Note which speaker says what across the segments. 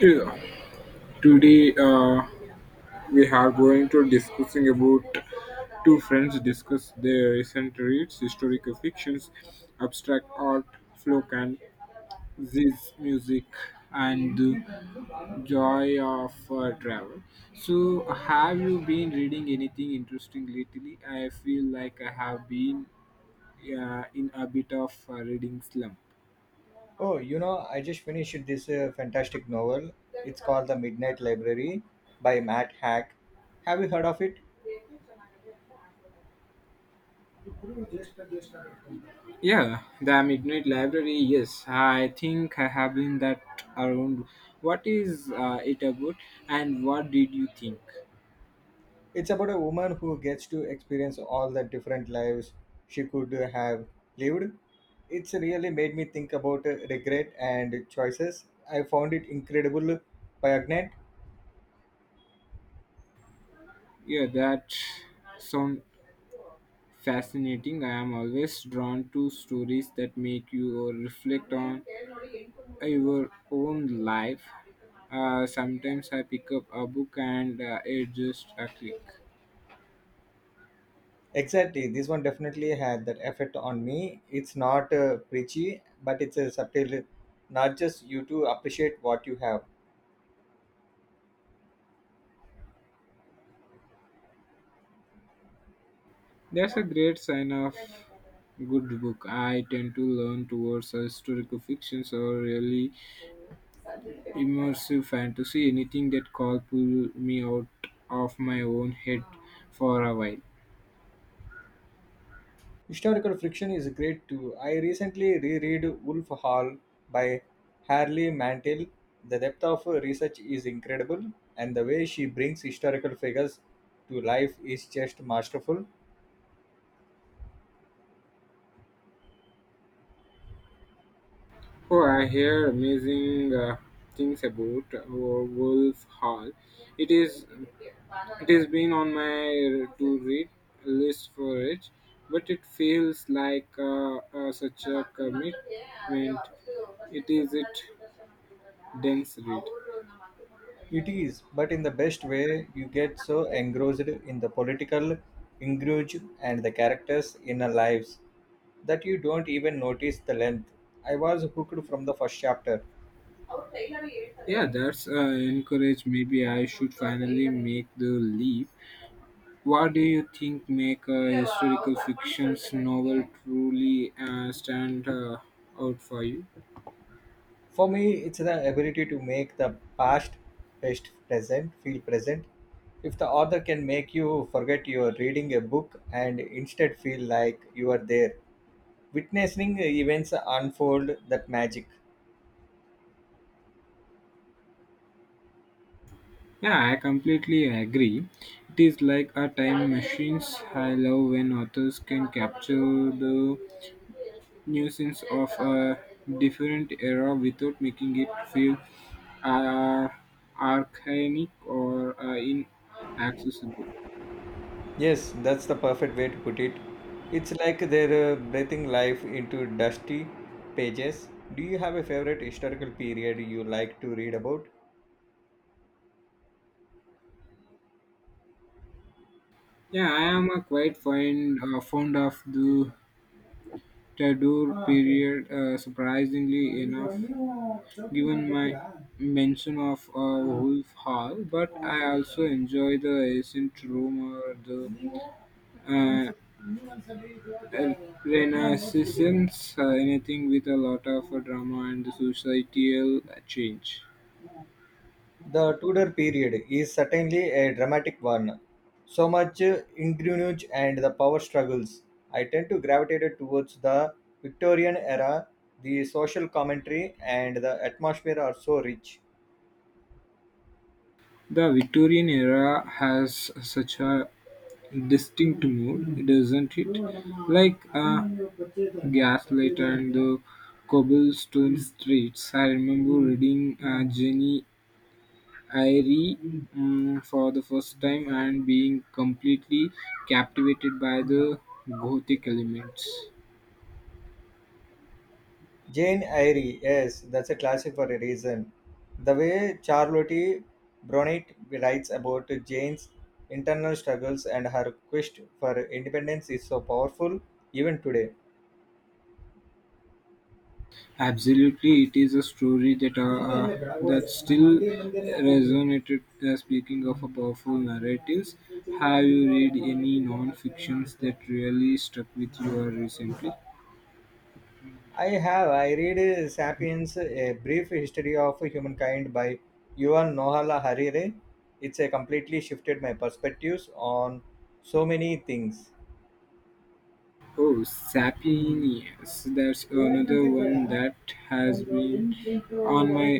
Speaker 1: Yeah. Today we are going to discussing about two friends discuss their recent reads, historical fictions, abstract art, folk and this music and the joy of travel. So have you been reading anything interesting lately? I feel like I have been in a bit of a reading slump.
Speaker 2: Oh, you know, I just finished this fantastic novel. It's called The Midnight Library by Matt Hack. Have you heard of it?
Speaker 1: Yeah, the Midnight Library. Yes, I think I have been that around. What is it about, and what did you think?
Speaker 2: It's about a woman who gets to experience all the different lives she could have lived. It's really made me think about regret and choices. I found it incredible poignant.
Speaker 1: Yeah, that sound fascinating. I am always drawn to stories that make you reflect on your own life. Sometimes I pick up a book and it just a click.
Speaker 2: Exactly, this one definitely had that effect on me. It's not preachy, but it's a subtle, not just you to appreciate what you have.
Speaker 1: That's a great sign of good book. I tend to learn towards historical fictions or really immersive fantasy, anything that call pull me out of my own head for a while.
Speaker 2: Historical friction is great too. I recently reread Wolf Hall by Harley Mantel. The depth of research is incredible, and the way she brings historical figures to life is just masterful.
Speaker 1: Oh, I hear amazing things about Wolf Hall. It is it has been on my to read list for it, but it feels like such a commitment. It is it dense read.
Speaker 2: It is, but in the best way, you get so engrossed in the political ingrage and the characters' inner lives that you don't even notice the length. I was hooked from the first chapter.
Speaker 1: Yeah, that's encourage. Maybe I should finally make the leap. What do you think make a historical fiction's novel truly stand out for you?
Speaker 2: For me, it's the ability to make the past best present feel present. If the author can make you forget you are reading a book and instead feel like you are there, witnessing events unfold that magic.
Speaker 1: Yeah, I completely agree. It is like a time machines. I love when authors can capture the nuisance of a different era without making it feel uh, archaic or in accessible.
Speaker 2: Yes, that's the perfect way to put it. It's like they're breathing life into dusty pages. Do you have a favorite historical period you like to read about?
Speaker 1: Yeah, I am a quite fond of the Tudor period. Surprisingly enough, given my mention of Wolf Hall, but I also enjoy the ancient Rome or the uh, uh, Renaissance. Anything with a lot of drama and the societal change.
Speaker 2: The Tudor period is certainly a dramatic one. So much ingenuity and the power struggles. I tend to gravitate towards the Victorian era. The social commentary and the atmosphere are so rich.
Speaker 1: The Victorian era has such a distinct mood, doesn't it? Like a gaslighter in the cobblestone streets. I remember reading Jenny Eyre for the first time and being completely captivated by the gothic elements.
Speaker 2: Jane Eyre, yes, that's a classic for a reason. The way Charlotte Bronte writes about Jane's internal struggles and her quest for independence is so powerful even today.
Speaker 1: Absolutely, it is a story that that still resonated. Speaking of a powerful narratives, have you read any non-fictions that really stuck with you recently?
Speaker 2: I have. I read *Sapiens: A Brief History of Humankind* by Yuval Noah Harari. It's a completely shifted my perspectives on so many things.
Speaker 1: Oh, Sapiens. That's another one that has been on my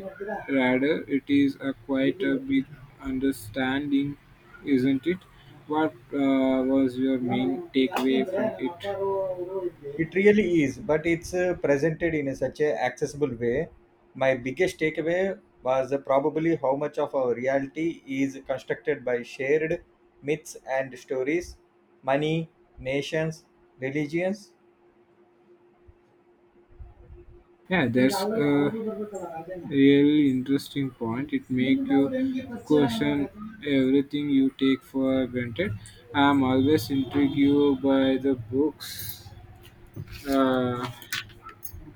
Speaker 1: radar. It is a quite a bit understanding, isn't it? What was your main takeaway from it?
Speaker 2: It really is, but it's presented in a such a accessible way. My biggest takeaway was probably how much of our reality is constructed by shared myths and stories, money, nations, religions.
Speaker 1: Yeah, that's a really interesting point. It makes you question everything you take for granted. I'm always intrigued by the books uh,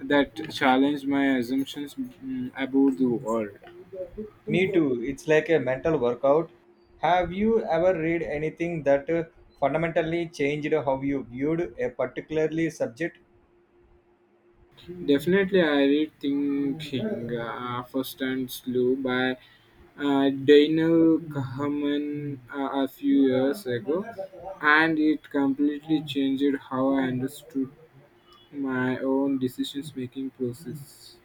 Speaker 1: that challenge my assumptions about the world.
Speaker 2: Me too. It's like a mental workout. Have you ever read anything that fundamentally changed how you viewed a particularly subject?
Speaker 1: Definitely, I read Thinking First and Slow by Daniel Kahneman a few years ago, and it completely changed how I understood my own decisions making process.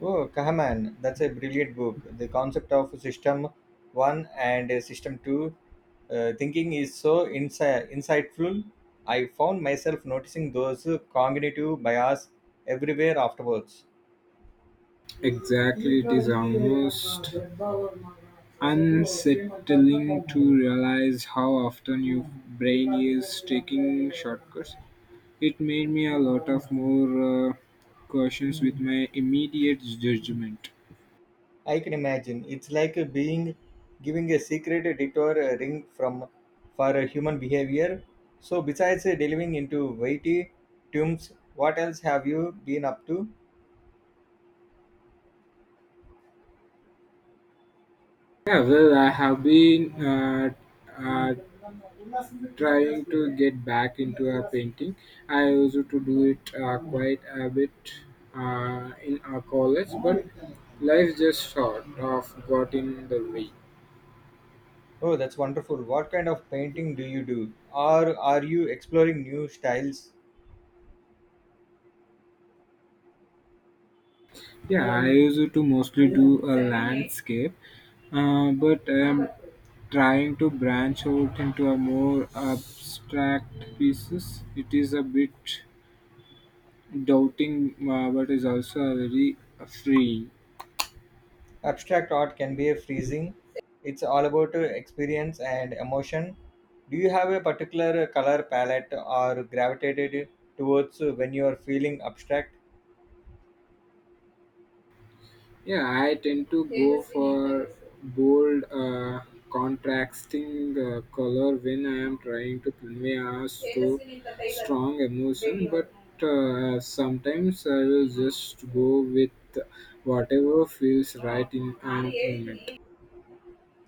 Speaker 2: Oh, Kahneman. That's a brilliant book. The concept of system 1 and system 2 thinking is so insightful. I found myself noticing those cognitive bias everywhere afterwards.
Speaker 1: Exactly, it is almost unsettling to realize how often your brain is taking shortcuts. It made me a lot of more cautious with my immediate judgment.
Speaker 2: I can imagine. It's like a being giving a secret detour ring from for human behavior. So besides delving into weighty tombs, what else have you been up to?
Speaker 1: Yeah, well, I have been uh, trying to get back into a painting. I used to do it quite a bit in our college, but life just sort of got in the way.
Speaker 2: Oh, that's wonderful. What kind of painting do you do? Or are you exploring new styles?
Speaker 1: Yeah, I used to mostly do a landscape, but I am trying to branch out into a more abstract pieces. It is a bit doubting but is also a very free.
Speaker 2: Abstract art can be freezing. It's all about experience and emotion. Do you have a particular color palette or gravitated towards when you are feeling abstract?
Speaker 1: Yeah, I tend to go for bold contrasting color when I am trying to convey a strong emotion, but sometimes I will just go with whatever feels right in an moment.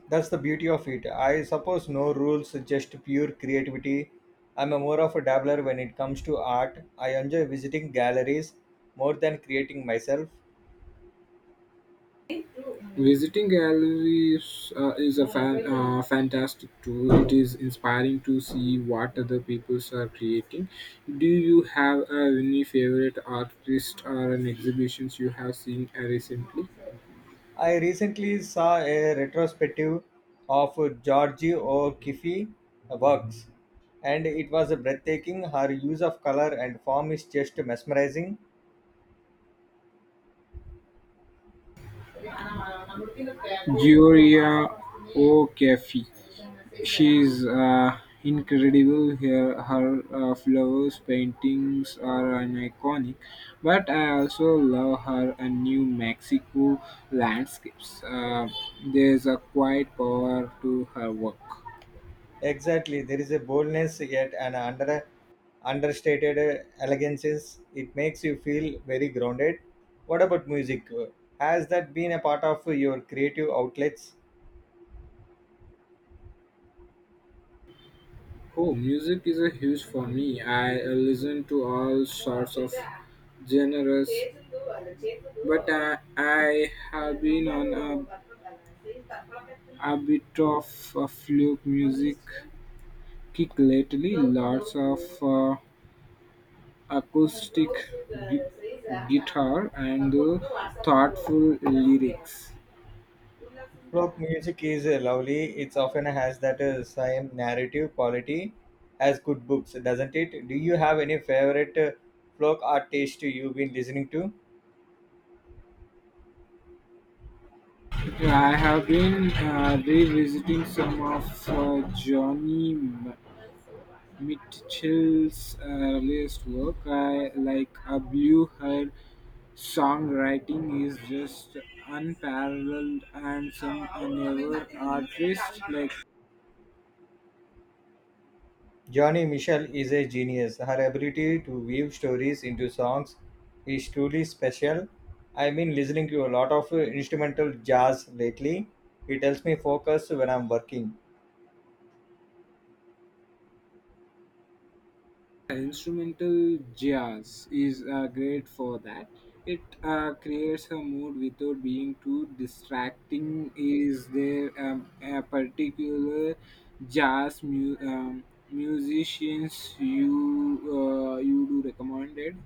Speaker 2: That's the beauty of it. I suppose no rules, just pure creativity. I'm a more of a dabbler when it comes to art. I enjoy visiting galleries more than creating myself.
Speaker 1: Visiting galleries is a fantastic tool. It is inspiring to see what other peoples are creating. Do you have any favorite artist or an exhibitions you have seen recently?
Speaker 2: I recently saw a retrospective of Georgie O'Keeffe works, and it was breathtaking. Her use of color and form is just mesmerizing.
Speaker 1: Gloria O'Caffey. She's incredible. Her flowers paintings are an iconic, but I also love her New Mexico landscapes. There's a quiet power to her work.
Speaker 2: Exactly, there is a boldness yet an under understated elegances. It makes you feel very grounded. What about music? Has that been a part of your creative outlets?
Speaker 1: Oh, music is a huge for me. I listen to all sorts of genres, but I have been on a bit of a folk music kick lately. Lots of acoustic gui- guitar and thoughtful lyrics.
Speaker 2: Folk music is lovely. It often has that same narrative quality as good books, doesn't it? Do you have any favorite folk artist you've been listening to?
Speaker 1: I have been revisiting some of Johnny Mitchell's earliest work. I like a blue, her songwriting is just unparalleled, and some newer artists like
Speaker 2: Johnny Mitchell is a genius. Her ability to weave stories into songs is truly special. I've been listening to a lot of instrumental jazz lately. It helps me focus when I'm working.
Speaker 1: instrumental jazz is great for that. It creates a mood without being too distracting. Is there a particular jazz mu- um, musicians you you do recommended?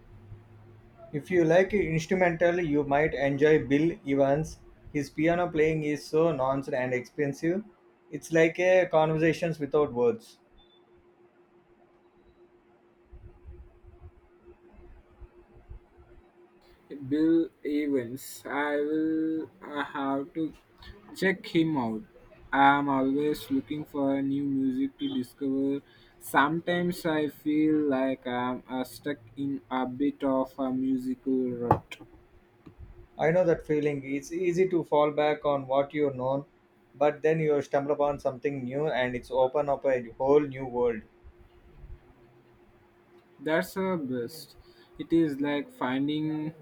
Speaker 2: If you like instrumental, you might enjoy Bill Evans. His piano playing is so nonsense and expensive. It's like a conversations without words.
Speaker 1: Bill Evans. I have to check him out. I am always looking for new music to discover. Sometimes I feel like I'm stuck in a bit of a musical rut.
Speaker 2: I know that feeling. It's easy to fall back on what you've known, but then you stumble upon something new and it's open up a whole new world.
Speaker 1: That's the best. It is like finding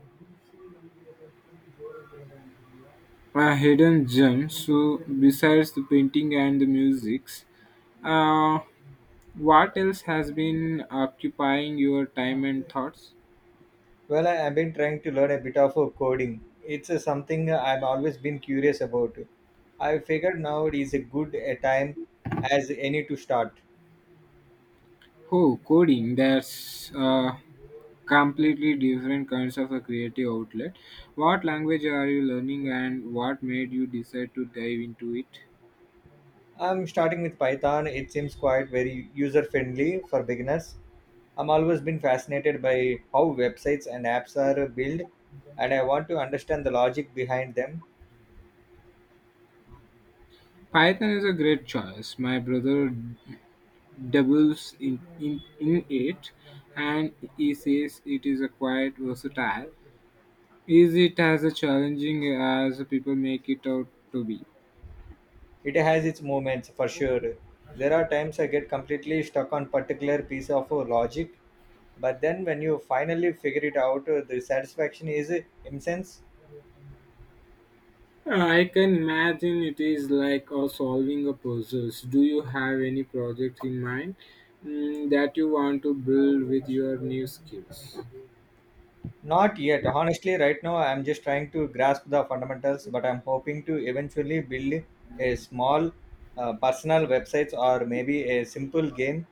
Speaker 1: a hidden gem. So, besides the painting and the musics, uh, what else has been occupying your time and thoughts?
Speaker 2: Well, I have been trying to learn a bit of coding. It's something I've always been curious about. I figured now it is a good a time as any to start.
Speaker 1: Oh, coding. That's completely different kinds of a creative outlet. What language are you learning and what made you decide to dive into it?
Speaker 2: I'm starting with Python. It seems quite very user friendly for beginners. I'm always been fascinated by how websites and apps are built, and I want to understand the logic behind them.
Speaker 1: Python is a great choice. My brother doubles in it and he says it is a quite versatile. Is it as a challenging as people make it out to be?
Speaker 2: It has its moments for sure. There are times I get completely stuck on particular piece of logic. But then when you finally figure it out, the satisfaction is immense.
Speaker 1: I can imagine it is like solving a puzzle. So, do you have any project in mind that you want to build with your new skills?
Speaker 2: Not yet. Honestly, right now I'm just trying to grasp the fundamentals, but I'm hoping to eventually build a small personal websites or maybe a simple game.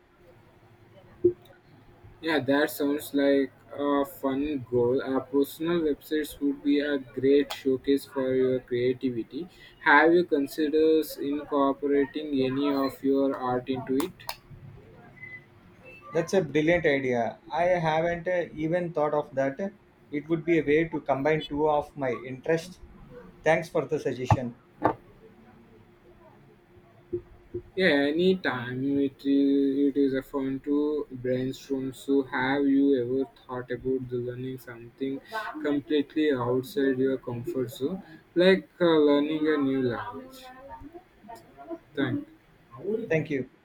Speaker 1: Yeah, that sounds like a fun goal. Our personal websites would be a great showcase for your creativity. Have you considered incorporating any of your art into it?
Speaker 2: That's a brilliant idea. I haven't even thought of that. It would be a way to combine two of my interests. Thanks for the suggestion.
Speaker 1: Yeah, anytime it is a fun to brainstorm. So, have you ever thought about the learning something completely outside your comfort zone, like learning a new language? Thank. You.
Speaker 2: Thank you. Yeah.